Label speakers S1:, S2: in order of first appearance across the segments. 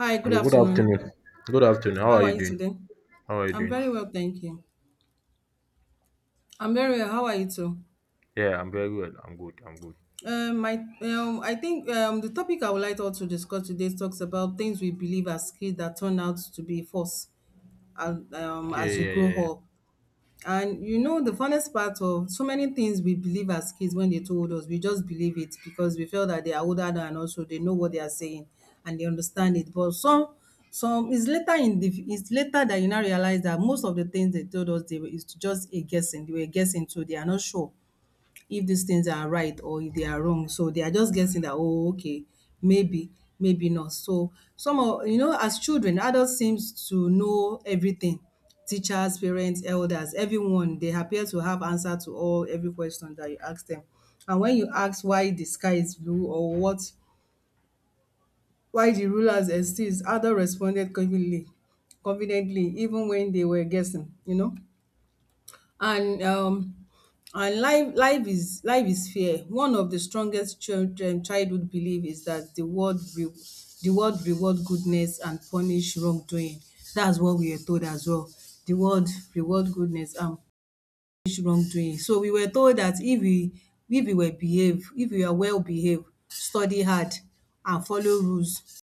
S1: Hi, good
S2: Hello, good afternoon.
S1: afternoon.
S2: Good afternoon. How are
S1: How are
S2: you
S1: you
S2: doing?
S1: today?
S2: How are you
S1: I'm
S2: doing?
S1: very well, thank you. I'm very well. How are you too?
S2: Yeah, I'm very well. I'm good. I'm good.
S1: My, I think the topic I would like us to discuss today talks about things we believe as kids that turn out to be false
S2: Okay,
S1: as we
S2: yeah,
S1: grow
S2: yeah, yeah.
S1: up. And you know, the funnest part of so many things we believe as kids when they told us, we just believe it because we felt that they are older than us, so they know what they are saying and they understand it. Some it's later in the it's later that you now realize that most of the things they told us they were is just a guessing. They were guessing, so they are not sure if these things are right or if they are wrong. So they are just guessing that, oh, okay, maybe, maybe not. So some of you know, as children, adults seems to know everything. Teachers, parents, elders, everyone, they appear to have answer to all every question that you ask them. And when you ask why the sky is blue or what why the rulers exist, adults responded confidently even when they were guessing, you know, and um and life is fair. One of the strongest childhood belief is that the world reward goodness and punish wrongdoing. That's what we were told as well. The world reward goodness and punish wrongdoing. So we were told that if we were behave, if we are well behaved, study hard and follow rules,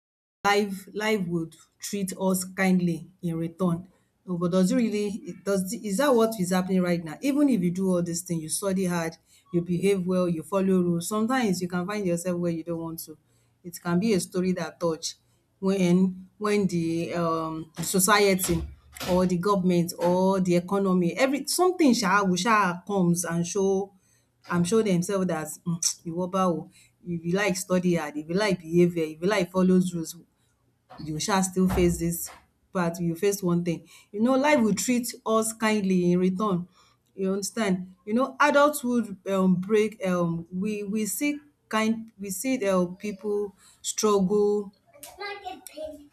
S1: life would treat us kindly in return. No, but does it really, it does, is that what is happening right now? Even if you do all these things, you study hard, you behave well, you follow rules, sometimes you can find yourself where you don't want to. It can be a story that touch when the society or the government or the economy every something sha will sha comes and show themselves that ìwọ báwo, if you like study hard, if you like behave well, if you like follows rules, you shall still face this, part, you face one thing. You know life will treat us kindly in return, you understand. You know adulthood break, we see kind we see people struggle,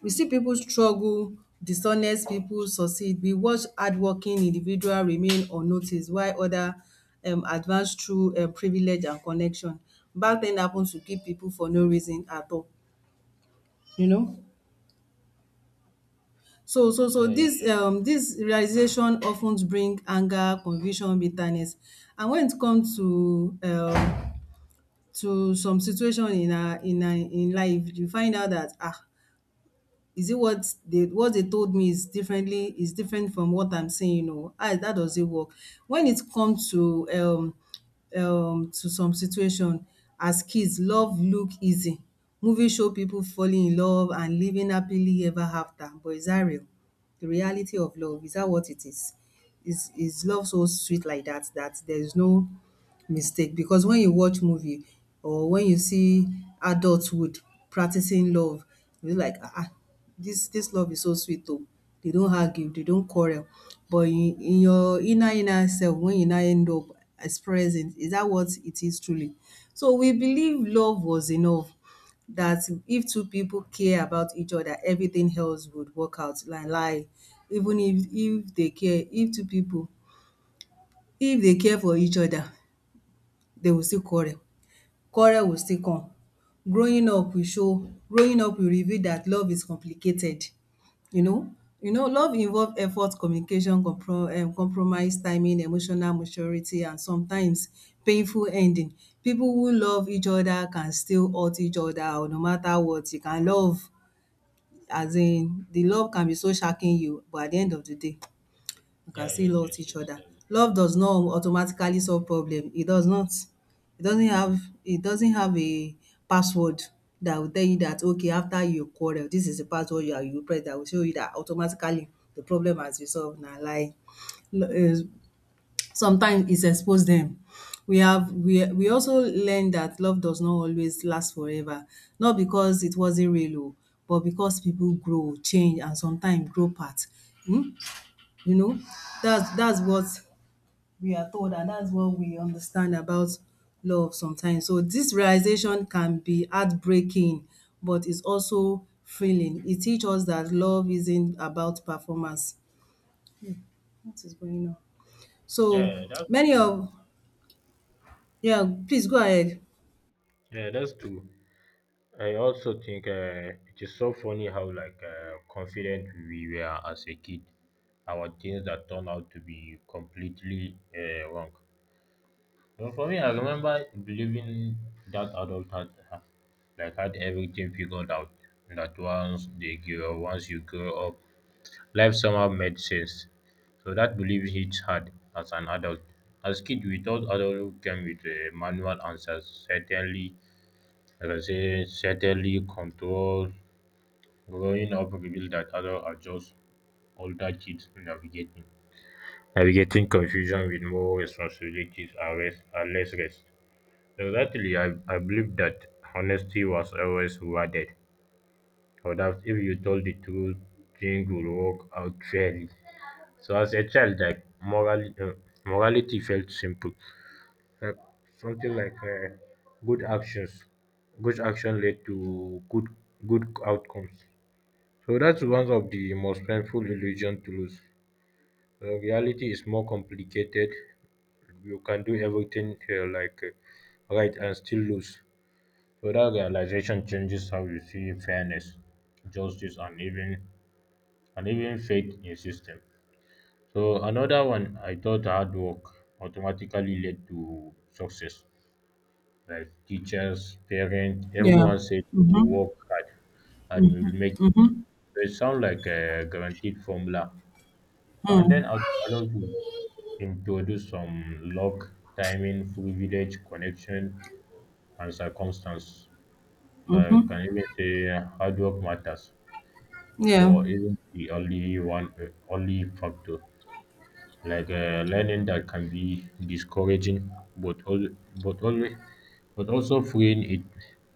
S1: we see people struggle, dishonest people succeed. We watch hardworking individual remain unnoticed while other advance through privilege and connection. Bad thing happen to good people for no reason at all, you know. So so so
S2: Yeah, yeah,
S1: dis dis realization of ten bring anger, confusion, bitterness. And wen it come to some situation in our in life, you find out dat is it what they told me is differently is different from what I'm saying oh? How that doesn't work. When it comes to some situation, as kids, love look easy. Movie show people falling in love and living happily ever after, but is that real? The reality of love, is that what it is? Is love so sweet like that, that there is no mistake? Because when you watch movie or when you see adulthood practicing love, you'll like, ah ah, this love is so sweet though. They don't argue, they don't quarrel. But in your inner self, when you now end up expressing, is that what it is truly? So we believe love was enough, that if two people care about each other, everything else would work out. Na lie. Even if they care, if two people, if they care for each other, they will still quarrel. Quarrel will still come. Growing up will reveal that love is complicated. You know? You know, love involve effort, communication, compromise, timing, emotional maturity and sometimes painful ending. People who love each other can still hurt each other. Or no matter what, you can love. As in the love can be so shacking you, but at the end of the day you
S2: yeah.
S1: can
S2: Yeah, yeah,
S1: still
S2: yes,
S1: love
S2: yes,
S1: each
S2: yes.
S1: other. Love does not automatically solve problem, it does not. It doesn't have a password that will tell you that okay after you quarrel this is the password you are you press that will show you that automatically the problem has been solved. Na lie. Sometimes it expose them. We have we also learn that love does not always last forever. Not because it wasn't real oh, but because people grow, change and sometimes grow apart. um You know, that's what we are told and that's what we understand about love sometimes. So this realization can be heartbreaking, but it's also freeing. It teach us dat love isn't about performance. What is going on? So
S2: Yeah, that's
S1: many of, yeah, please go ahead.
S2: yeah, that's true. I also think it is so funny how confident we were as a kid. Our things that turn out to be completely wrong. But for me, I remember believing that like had everything figured out. That once they grow, Once you grow up, life somehow made sense. So that belief hits hard as an adult. As kids, we thought adulthood came with manual answers, certainly, like I say, certainly control. Growing up revealed that adults are just older kids navigating confusion with more responsibilities and less rest. Exactly, I believe that honesty was always rewarded. So that if you told the truth, things would work out fairly. So as a child, morality felt simple. Uh, something like good actions, Good action led to good outcomes. So that's one of the most painful illusion to lose. Reality is more complicated. You can do everything right and still lose. So that realization changes how you see fairness, justice, and even faith in system. So another one, I thought hard work automatically led to success. Like teachers, parents,
S1: Yeah,
S2: everyone said work hard and you will make it. So it sounds like a guaranteed formula. So and then adulthood introduced some luck, timing, privilege, connection, and circumstance. So I can even say hard work matters,
S1: yeah,
S2: but isn't the only one, only factor. Like learning that can be discouraging, but all, but always, but also freeing it,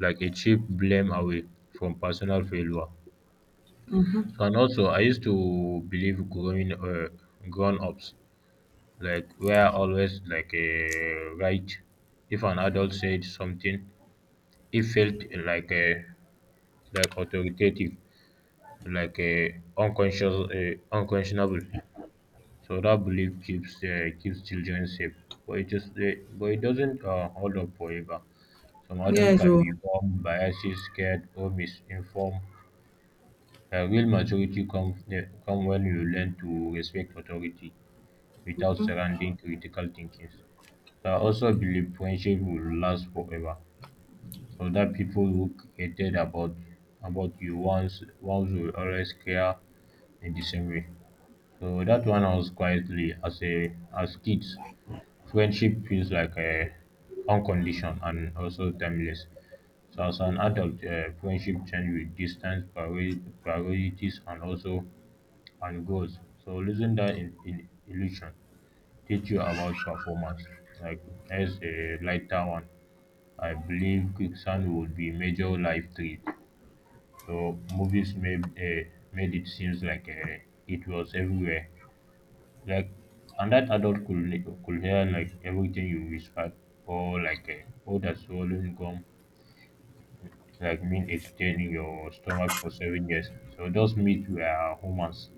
S2: like a cheap blame away from personal failure. So and also, I used to believe growing grown-ups were always right. If an adult said something, it felt like uh, like authoritative, like uh, unconscious, unconscionable. So that belief keeps children safe, but it just uh, but it doesn't hold up forever. Some
S1: yeah.
S2: adults can
S1: So
S2: become biased, scared, or misinformed. Real maturity comes come when you learn to respect authority without surrounding critical thinking. So I also believe friendship will last forever. So that people who created about you once will always care in the same way. So that one I was quietly as a as kids, friendship feels like a unconditioned and also timeless. So as an adult, friendship change with distance, priorities, and goals. So losing that in illusion teach you about performance. Like as a lighter one, I believe quicksand would be major life threat. So movies made it seems like it was everywhere like, and that adult could hear like everything you whispered, or like uh, or that swallowing gum like mean it's staying in your stomach for 7 years. So those myths were humans,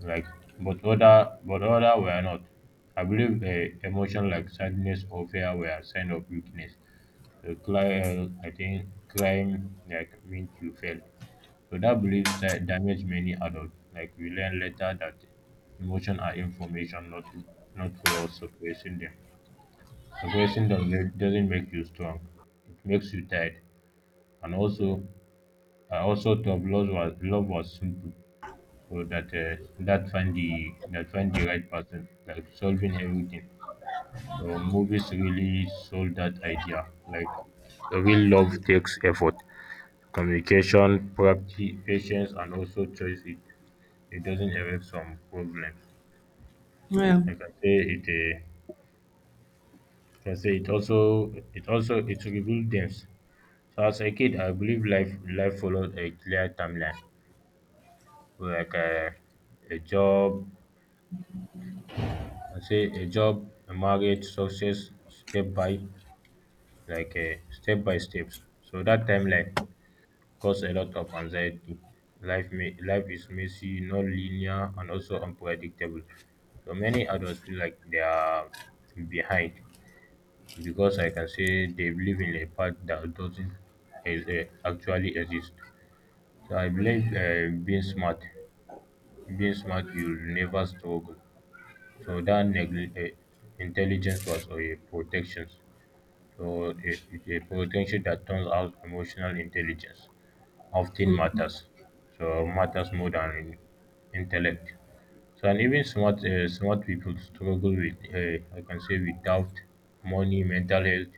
S2: like but other were not. I believe emotion like sadness or fear were a sign of weakness. So I think crime like meant you failed. So that belief style damaged many adults. Like we learn later that emotions are information, not flaws. Suppressing them doesn't make you strong. It makes you tired. And also, I also thought love was simple, so that that find the right person, like solving everything. So movies really sold that idea. Like the real love takes effort, communication, practice, patience, and also choice. It doesn't erase some problems.
S1: yeah.
S2: I can say it also it also it reveals them. So as a kid, I believe life follows a clear timeline. So like a job. I say a job, a marriage, success, step by step by steps. So that timeline cause a lot of anxiety. Life is messy, not linear, and also unpredictable. So many adults feel like they are behind because I can say they believe in a fact that doesn't actually exist. So I believe being smart, you'll never struggle. So that intelligence was a protection. So it's a protection that turns out emotional intelligence often matters. So matters more than intellect. So and even smart people struggle with I can say with doubt, money, mental health,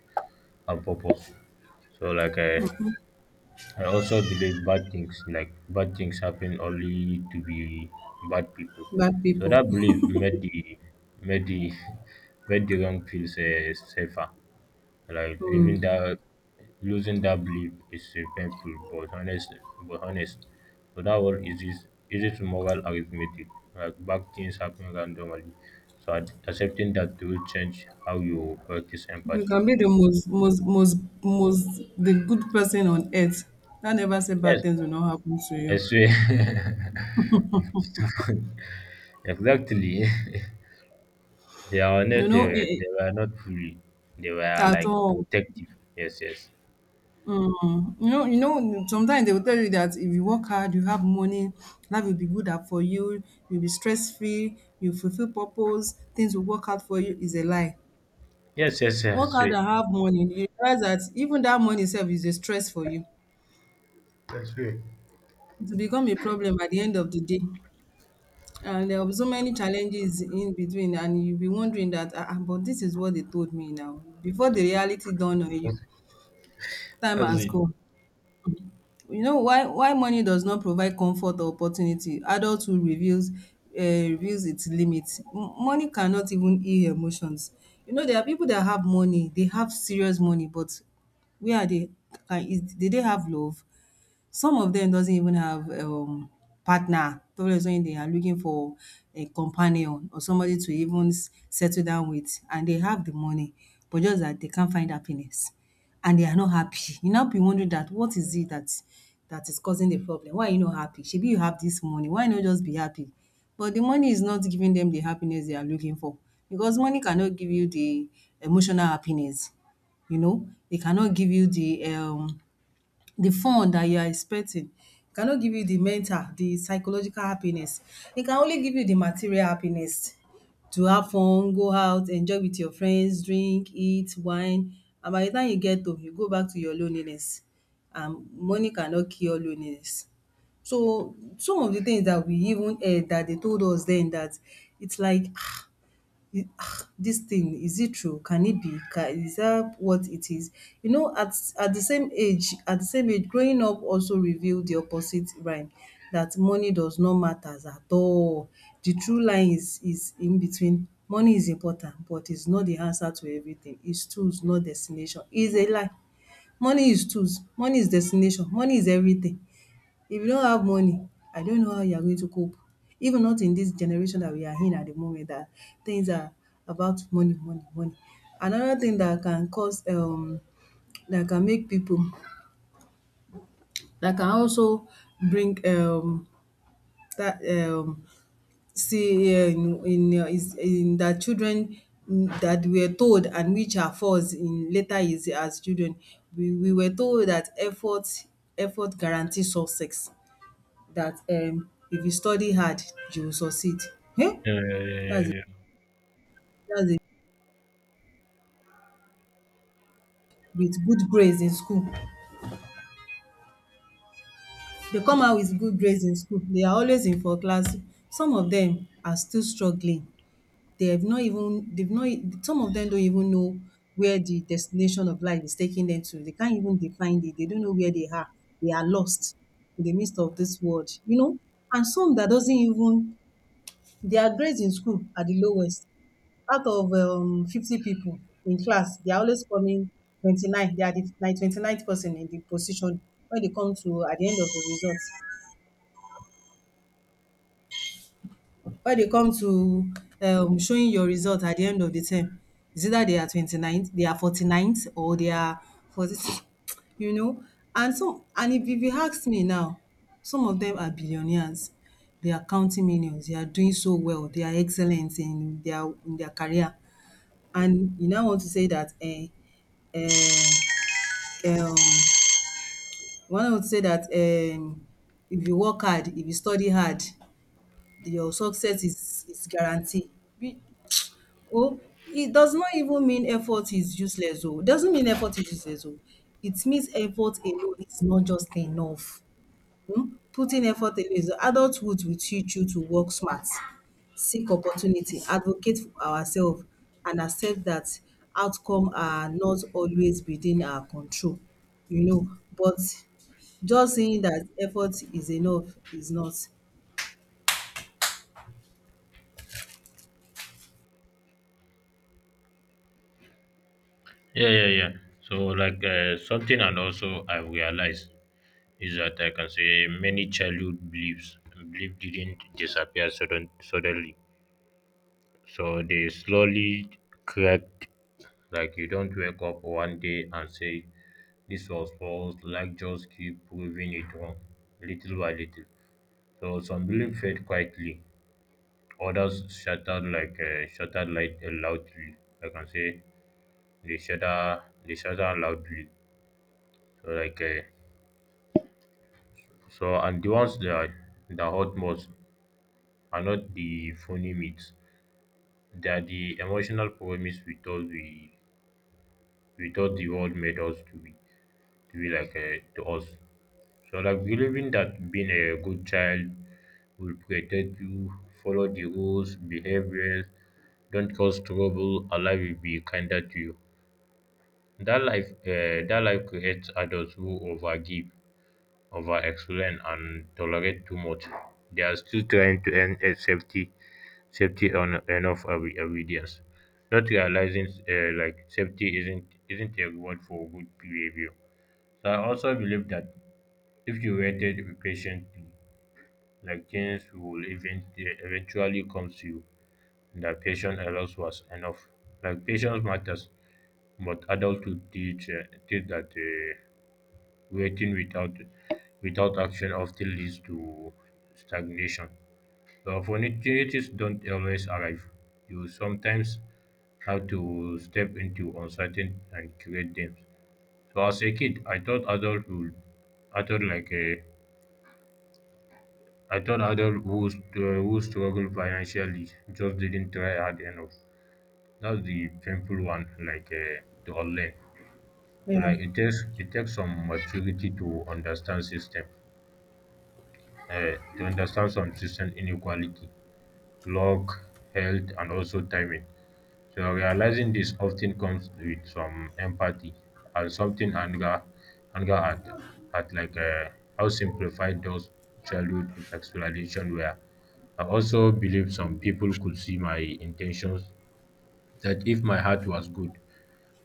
S2: and purpose. So like I, I also believe bad things happen only to be bad people.
S1: Bad
S2: So
S1: people.
S2: that belief made the made the wrong feels safer. Like
S1: Hmm.
S2: living that losing that belief is painful but honest. So that word is it moral arithmetic. Like bad things happen randomly. So accepting that will change how you practice
S1: You
S2: empathy.
S1: can be the most, most, most, most the good person on earth. That never say bad
S2: Yes,
S1: things will not happen to
S2: I
S1: you.
S2: swear. Exactly. They are
S1: You
S2: not.
S1: know it,
S2: They were not free. They were
S1: at
S2: like
S1: all.
S2: protective. Yes, yes.
S1: Mm. You know, you know. Sometimes they will tell you that if you work hard, you have money. Life will be good up for you. You'll be stress free. You fulfill purpose. Things will work out for you. Is a lie.
S2: Yes, yes, yes. I
S1: Work hard
S2: swear.
S1: and have money. You realize that even that money itself is a stress for you.
S2: I swear.
S1: It will become a problem at the end of the day. And there will be so many challenges in between, and you'll be wondering that, ah, ah, but this is what they told me now. Before the reality dawn on you, time
S2: That's
S1: has
S2: it.
S1: gone. You know why money does not provide comfort or opportunity? Adulthood reveals reveals its limits. M- money cannot even heal emotions. You know there are people that have money, they have serious money, but where are they? Can, is, did they have love? Some of them doesn't even have partner. Tourists when they are looking for a companion or somebody to even s- settle down with and they have the money, but just that they can't find happiness and they are not happy. You now be wondering that what is it that is causing the problem? Why are you not happy? Shebi you have this money, why not just be happy? But the money is not giving them the happiness they are looking for, because money cannot give you the emotional happiness. You know they cannot give you the fun that you are expecting. E cannot give you the mental, the psychological happiness. It can only give you the material happiness, to have fun, go out, enjoy with your friends, drink, eat, wine, and by the time you get home, you go back to your loneliness, and money cannot cure loneliness. So, some of the things that we even heard that they told us then, that it's like it- ah, this thing is it true, can it be ca- is that what it is. You know, at at the same age growing up also revealed the opposite rhyme, that money does not matter at all. The true line is in between. Money is important but it's not the answer to everything. It's tools not destination. It's a lie. Money is tools, money is destination, money is everything. If you don't have money, I don't know how you are going to cope. Even not in this generation that we are in at the moment, that things are about money, money, money. Another thing that can cause that can make people, that can also bring that um see in is in that children, mm, that were told and which are false in later years as children. We were told that effort guarantees success. That if you study hard you will succeed. um
S2: Yeah, yeah, yeah,
S1: that's it.
S2: yeah.
S1: That's it. With good grades in school. They come out with good grades in school. They are always in for class. Some of them are still struggling. They have not even they've not some of them don't even know where the destination of life is taking them to. They can't even define it. They don't know where they are. They are lost in the midst of this world, you know. And some that doesn't even, their grades in school are the lowest. Out of 50 people in class, they are always coming 29. They are the like twenty ninth person in the position when they come to at the end of the results. When they come to showing your result at the end of the term, it's either they are twenty ninth, they are forty ninth, or they are 46, you know. And so, and if you ask me now, some of them are billionaires. They are counting millions. They are doing so well. They are excellent in their career. And you now want to say that, eh, you now want to say that, if you work hard, if you study hard, your success is guarantee. Be oh, it does not even mean effort is useless oh. It doesn't mean effort is useless oh. It means effort alone is not just enough. Putting effort always adulthood will teach you to work smart, seek opportunity, advocate for ourselves, and accept that outcome are not always within our control you know but just saying that effort is enough is not.
S2: Yeah, yeah, yeah, yeah. So, like, something, and also I realized is that I can say many childhood beliefs belief didn't disappear suddenly. So they slowly cracked. Like you don't wake up one day and say, this was false. Luck just keep proving it wrong, little by little. So some belief fade quietly, others shattered loudly. I can say they shatter loudly. So like uh, and the ones that hurt most are not the funny myths. They are the emotional promise we thought the world made us to be to be to us. So like believing that being a good child will protect you, follow the rules, behave well, don't cause trouble, Allah will be kinder to you. That life creates adults who overgive, overexplain, and tolerate too much. They are still trying to earn a safety, safety on enough of obedience, not realizing safety isn't a reward for good behavior. So I also believe that if you waited patiently, like things will eventually come to you, and that patience alone was enough. Like patience matters, but adulthood teach that waiting without action often leads to stagnation. So opportunities don't always arrive. You sometimes have to step into uncertain and create them. So as a kid, I thought adult would, I thought like a, I thought adult who struggle financially just didn't try hard enough. That's the painful one, to unlearn. So
S1: Yeah,
S2: like it takes some maturity to understand system, to understand some system inequality, luck, health, and also timing. So realizing this often comes with some empathy and something anger, anger at like how simplified those childhood explanation were. I also believe some people could see my intentions, that if my heart was good,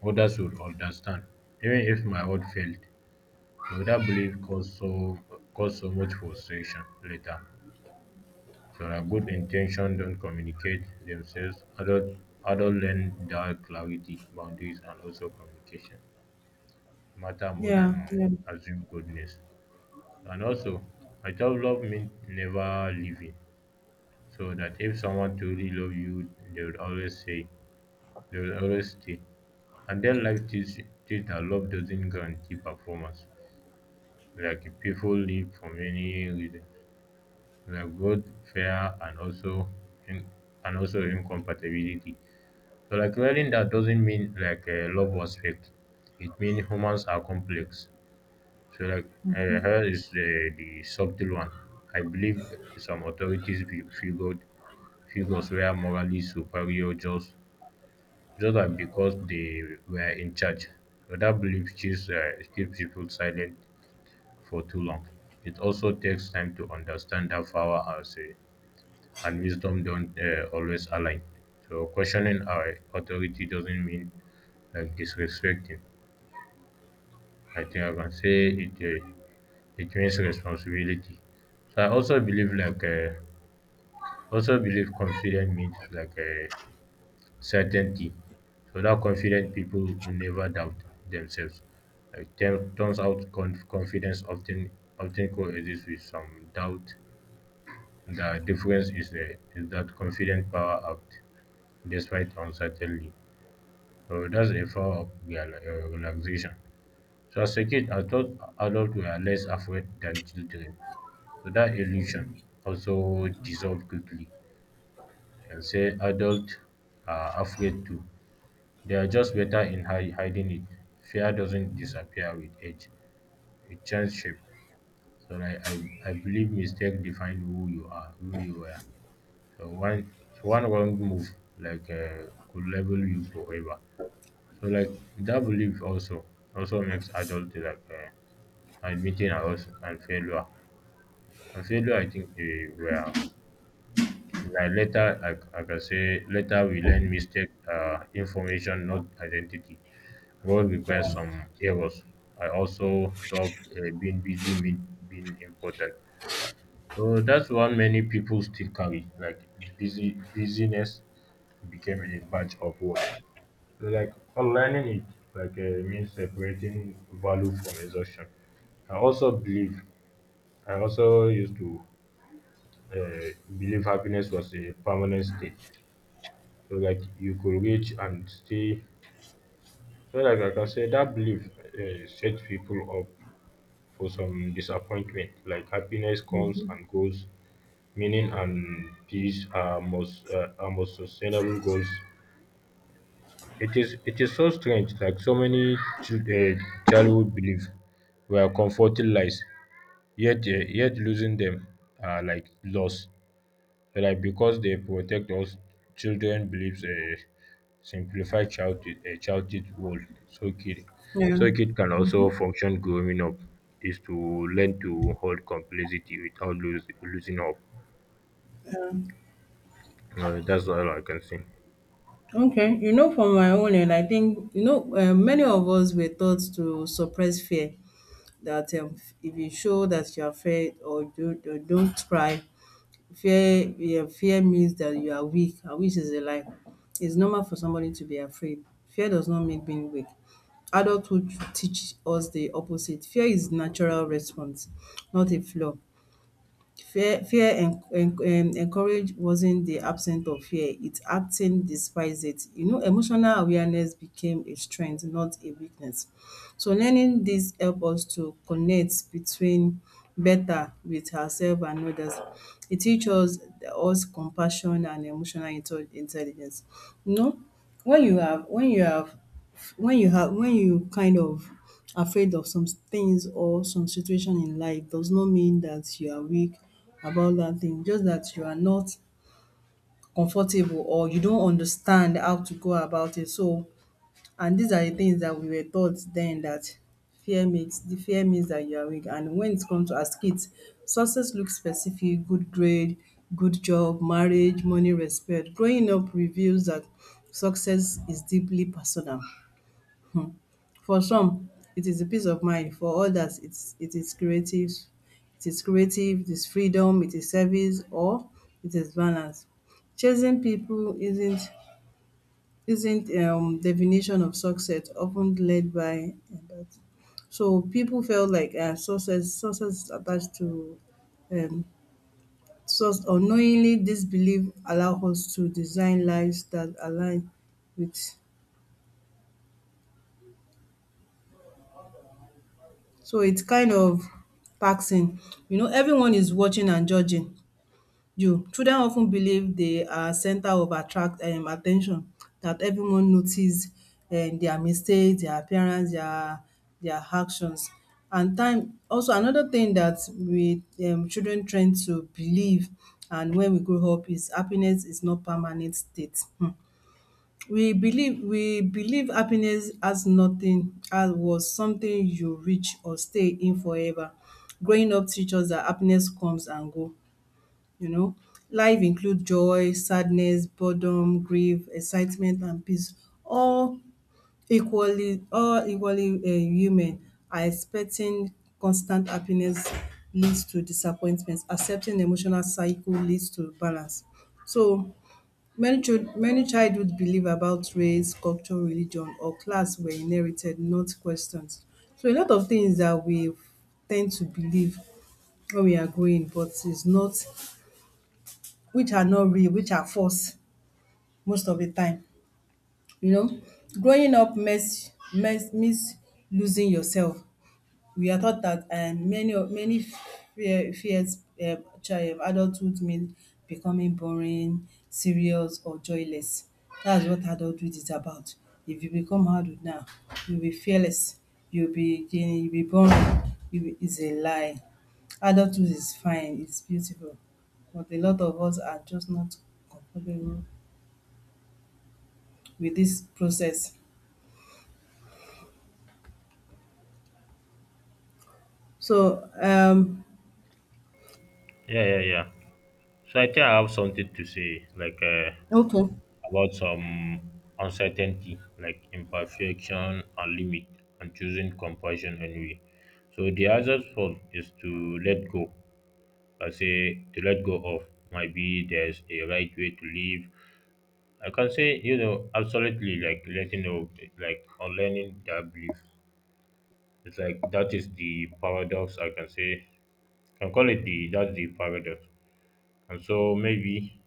S2: others would understand, even if my heart failed. So that belief caused so much frustration later. Their good intention, don't communicate themselves. Adult, learn that clarity, boundaries, and also communication matter more
S1: yeah,
S2: than
S1: yeah,
S2: assume goodness. And also, I thought love means never leaving. So that if someone truly love you, they will always stay. And then life teaches teach that love doesn't guarantee performance. Like people leave for many reasons, like both fear and also in, and also incompatibility. So like learning that doesn't mean love was fake. It means humans are complex. So here is the subtle one. I believe some authorities fi- figured figures were morally superior just because they were in charge. So that belief keeps people silent for too long. It also takes time to understand that power and wisdom don't always align. So questioning our authority doesn't mean like disrespecting. I think I can say it means responsibility. So I also believe confidence means certainty. So that confident people never doubt themselves. Like turns out, confidence often coexists with some doubt. The difference is that confident power act despite uncertainty. So that's a form of relaxation. So as a kid, I thought adults were less afraid than children. So that illusion also dissolved quickly, and say adults are afraid too. They are just better in hiding it. Fear doesn't disappear with age. It changes shape. I believe mistake define who you are, who you were. So one wrong move could label you forever. So like that belief also makes adults admitting us and failure. And failure, I think, like later, I can say later we learn mistake information, not identity. Role requires some errors. I also thought being busy mean being important. So that's why many people still carry busyness became a badge of work. So like unlearning it means separating value from exhaustion. I also believe I also used to believe happiness was a permanent state, so like you could reach and stay. So like I can say that belief set people up for some disappointment. Like happiness comes and goes, meaning and peace are most are most sustainable goals. It is so strange, like so many chil um childhood beliefs were comforting lies, yet yet losing them are like loss. So like, because they protect us, children believes a simplified childhood a childhood world, so kid
S1: yeah.
S2: so kid can also function. Growing up is to learn to hold complexity without lose losing up. Um, that's all I can say.
S1: Okay, you know, from my own end, I think, many of us were taught to suppress fear, that if you show that you are afraid or you don't cry. Fear, yeah, fear means that you are weak, and which is a lie. It's normal for somebody to be afraid. Fear does not make being weak. Adulthood teach us the opposite. Fear is natural response, not a flaw. Fear, fear en- en- en- Encourage wasn't the absence of fear. It's acting despite it. You know, emotional awareness became a strength, not a weakness. So learning dis help us to connect between better with ourselves and others. E teach us compassion and emotional intelligence. You know when you have, when you have, when you have, when you kind of afraid of some things or some situation in life does not mean that you are weak about that thing, just that you are not comfortable or you don't understand how to go about it. So and these are the things that we were taught then that fear makes the fear means that you are weak. And when it comes to as kids, success looks specific: good grade, good job, marriage, money, respect. Growing up reveals that success is deeply personal. Hmm. For some, it is a peace of mind. For others, it is creative, it is freedom, it is service, or it is balance. Chasing people isn't definition of success often led by that. So people felt like success is attached to um, source. Unknowingly this belief allow us to design lives that align with. So it's kind of taxing. You know, everyone is watching and judging you. Children often believe they are center of attract attention, that everyone notice their mistakes, their appearance, their actions. And time also another thing that we children train to believe and when we grow up is happiness is not permanent state. We believe happiness as nothing as was something you reach or stay in forever. Growing up teaches that happiness comes and go, you know. Life includes joy, sadness, boredom, grief, excitement, and peace. All equally, all equally, human are expecting constant happiness leads to disappointments. Accepting emotional cycle leads to balance. So many childhood believe about race, culture, religion, or class were inherited, not questioned. So a lot of things that we tend to believe when we are growing, but it's not, which are not real, which are false most of the time, you know. Growing up means losing yourself. We are taught that many fear, fears chi- adulthood means becoming boring, serious, or joyless. That's what adulthood is about. If you become adult now, you'll be fearless, you'll be boring. You be, it's a lie. Adulthood is fine, it's beautiful, but a lot of us are just not comfortable with this process. So
S2: Yeah, yeah, yeah. So I think I have something to say,
S1: Okay.
S2: about some uncertainty, like imperfection and limit, and choosing compassion anyway. So the hardest fault is to let go. I say, to let go of, maybe there's a right way to live. I can say, you know, absolutely, like letting go, like unlearning that belief. It's like, that is the paradox. I can say, I can call it the that's the paradox. And so maybe,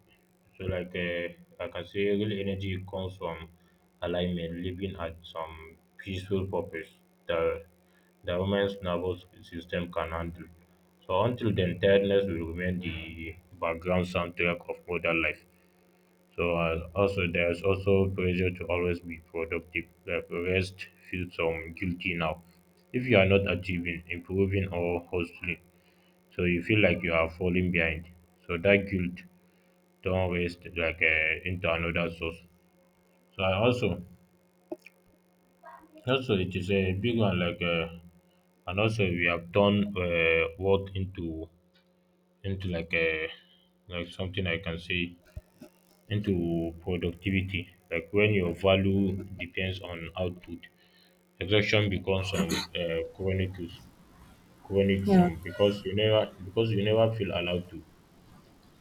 S2: so like uh, like I can say, real energy comes from alignment, living at some peaceful purpose that the human's nervous system can handle. So until then, tiredness will remain the background soundtrack of modern life. So also, there's also pressure to always be productive. Like rest feels some guilty now. If you are not achieving, improving, or hustling, so you feel like you are falling behind. So that guilt turn waste, into another source. So I also, also it is a big one, and also we have turned work into like a like something I can say, into productivity. Like when your value depends on output, exhaustion becomes some chronic
S1: Yeah,
S2: some, because you never, because you never feel allowed to,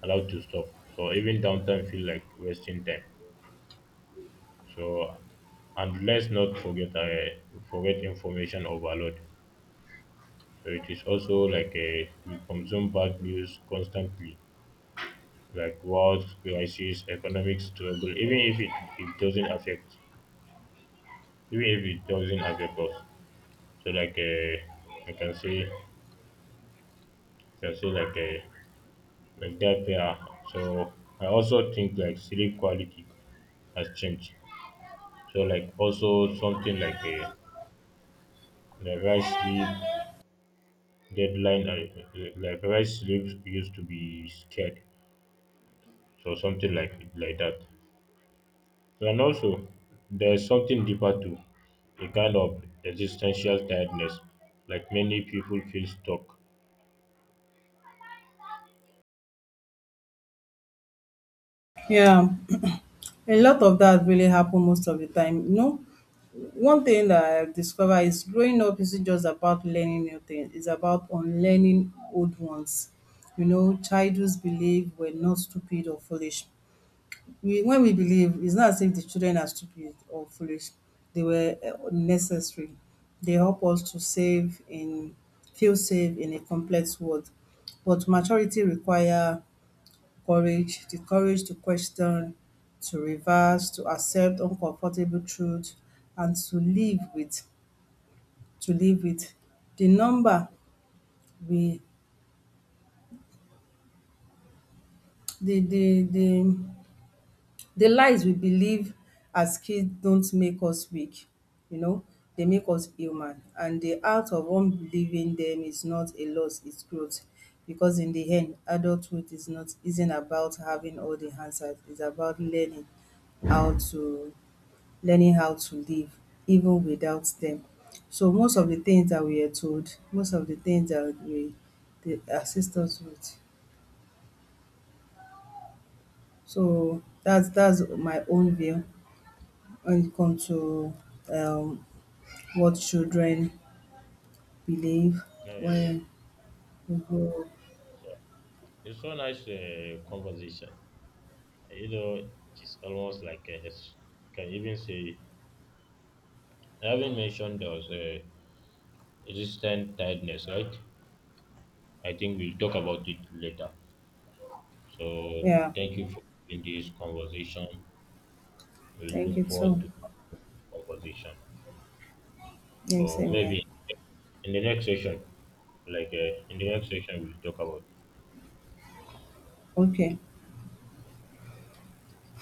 S2: allowed to stop. So even downtime feel like wasting time. So, and let's not forget information overload. So it is also like a, we consume bad news constantly, like wars, crisis, economic struggle. Even if it, it doesn't affect, even if it doesn't affect us. So I can say like that. Yeah. So I also think like sleep quality has changed. So like also something the right sleep deadline, I like rice slips used to be scared, so something like that. And also there's something deeper too, a kind of existential tiredness, like many people feel stuck.
S1: yeah. A lot of that really happen most of the time. You know, one thing that I discover is growing up isn't just about learning new things, it's about unlearning old ones. You know, childhood's belief were not stupid or foolish. We, when we believe, it's not as if the children are stupid or foolish. They were necessary. They help us to save in feel safe in a complex world. But maturity require courage, the courage to question, to reverse, to accept uncomfortable truth, and to live with the number we the the the the lies we believe as kids don't make us weak, you know, they make us human. And the act of unbelieving them is not a loss, it's growth. Because in the end, adulthood is not isn't about having all the answers, it's about how to learning how to live even without them. So most of the things that we are told, most of the things that we, they assist us with. So that's my own view when it comes to um what children believe
S2: Yeah, yeah, yeah.
S1: when we grow up.
S2: It's so nice conversation, you know. It is almost like a, it's, you can even say, I haven't mentioned those was a tiredness, right? I think we'll talk about it later. So
S1: Yeah,
S2: thank you for in this conversation. We
S1: thank you
S2: look forward
S1: too.
S2: to conversation.
S1: Same,
S2: So
S1: same here.
S2: maybe in the next section, in the next section, we'll talk about.
S1: Okay.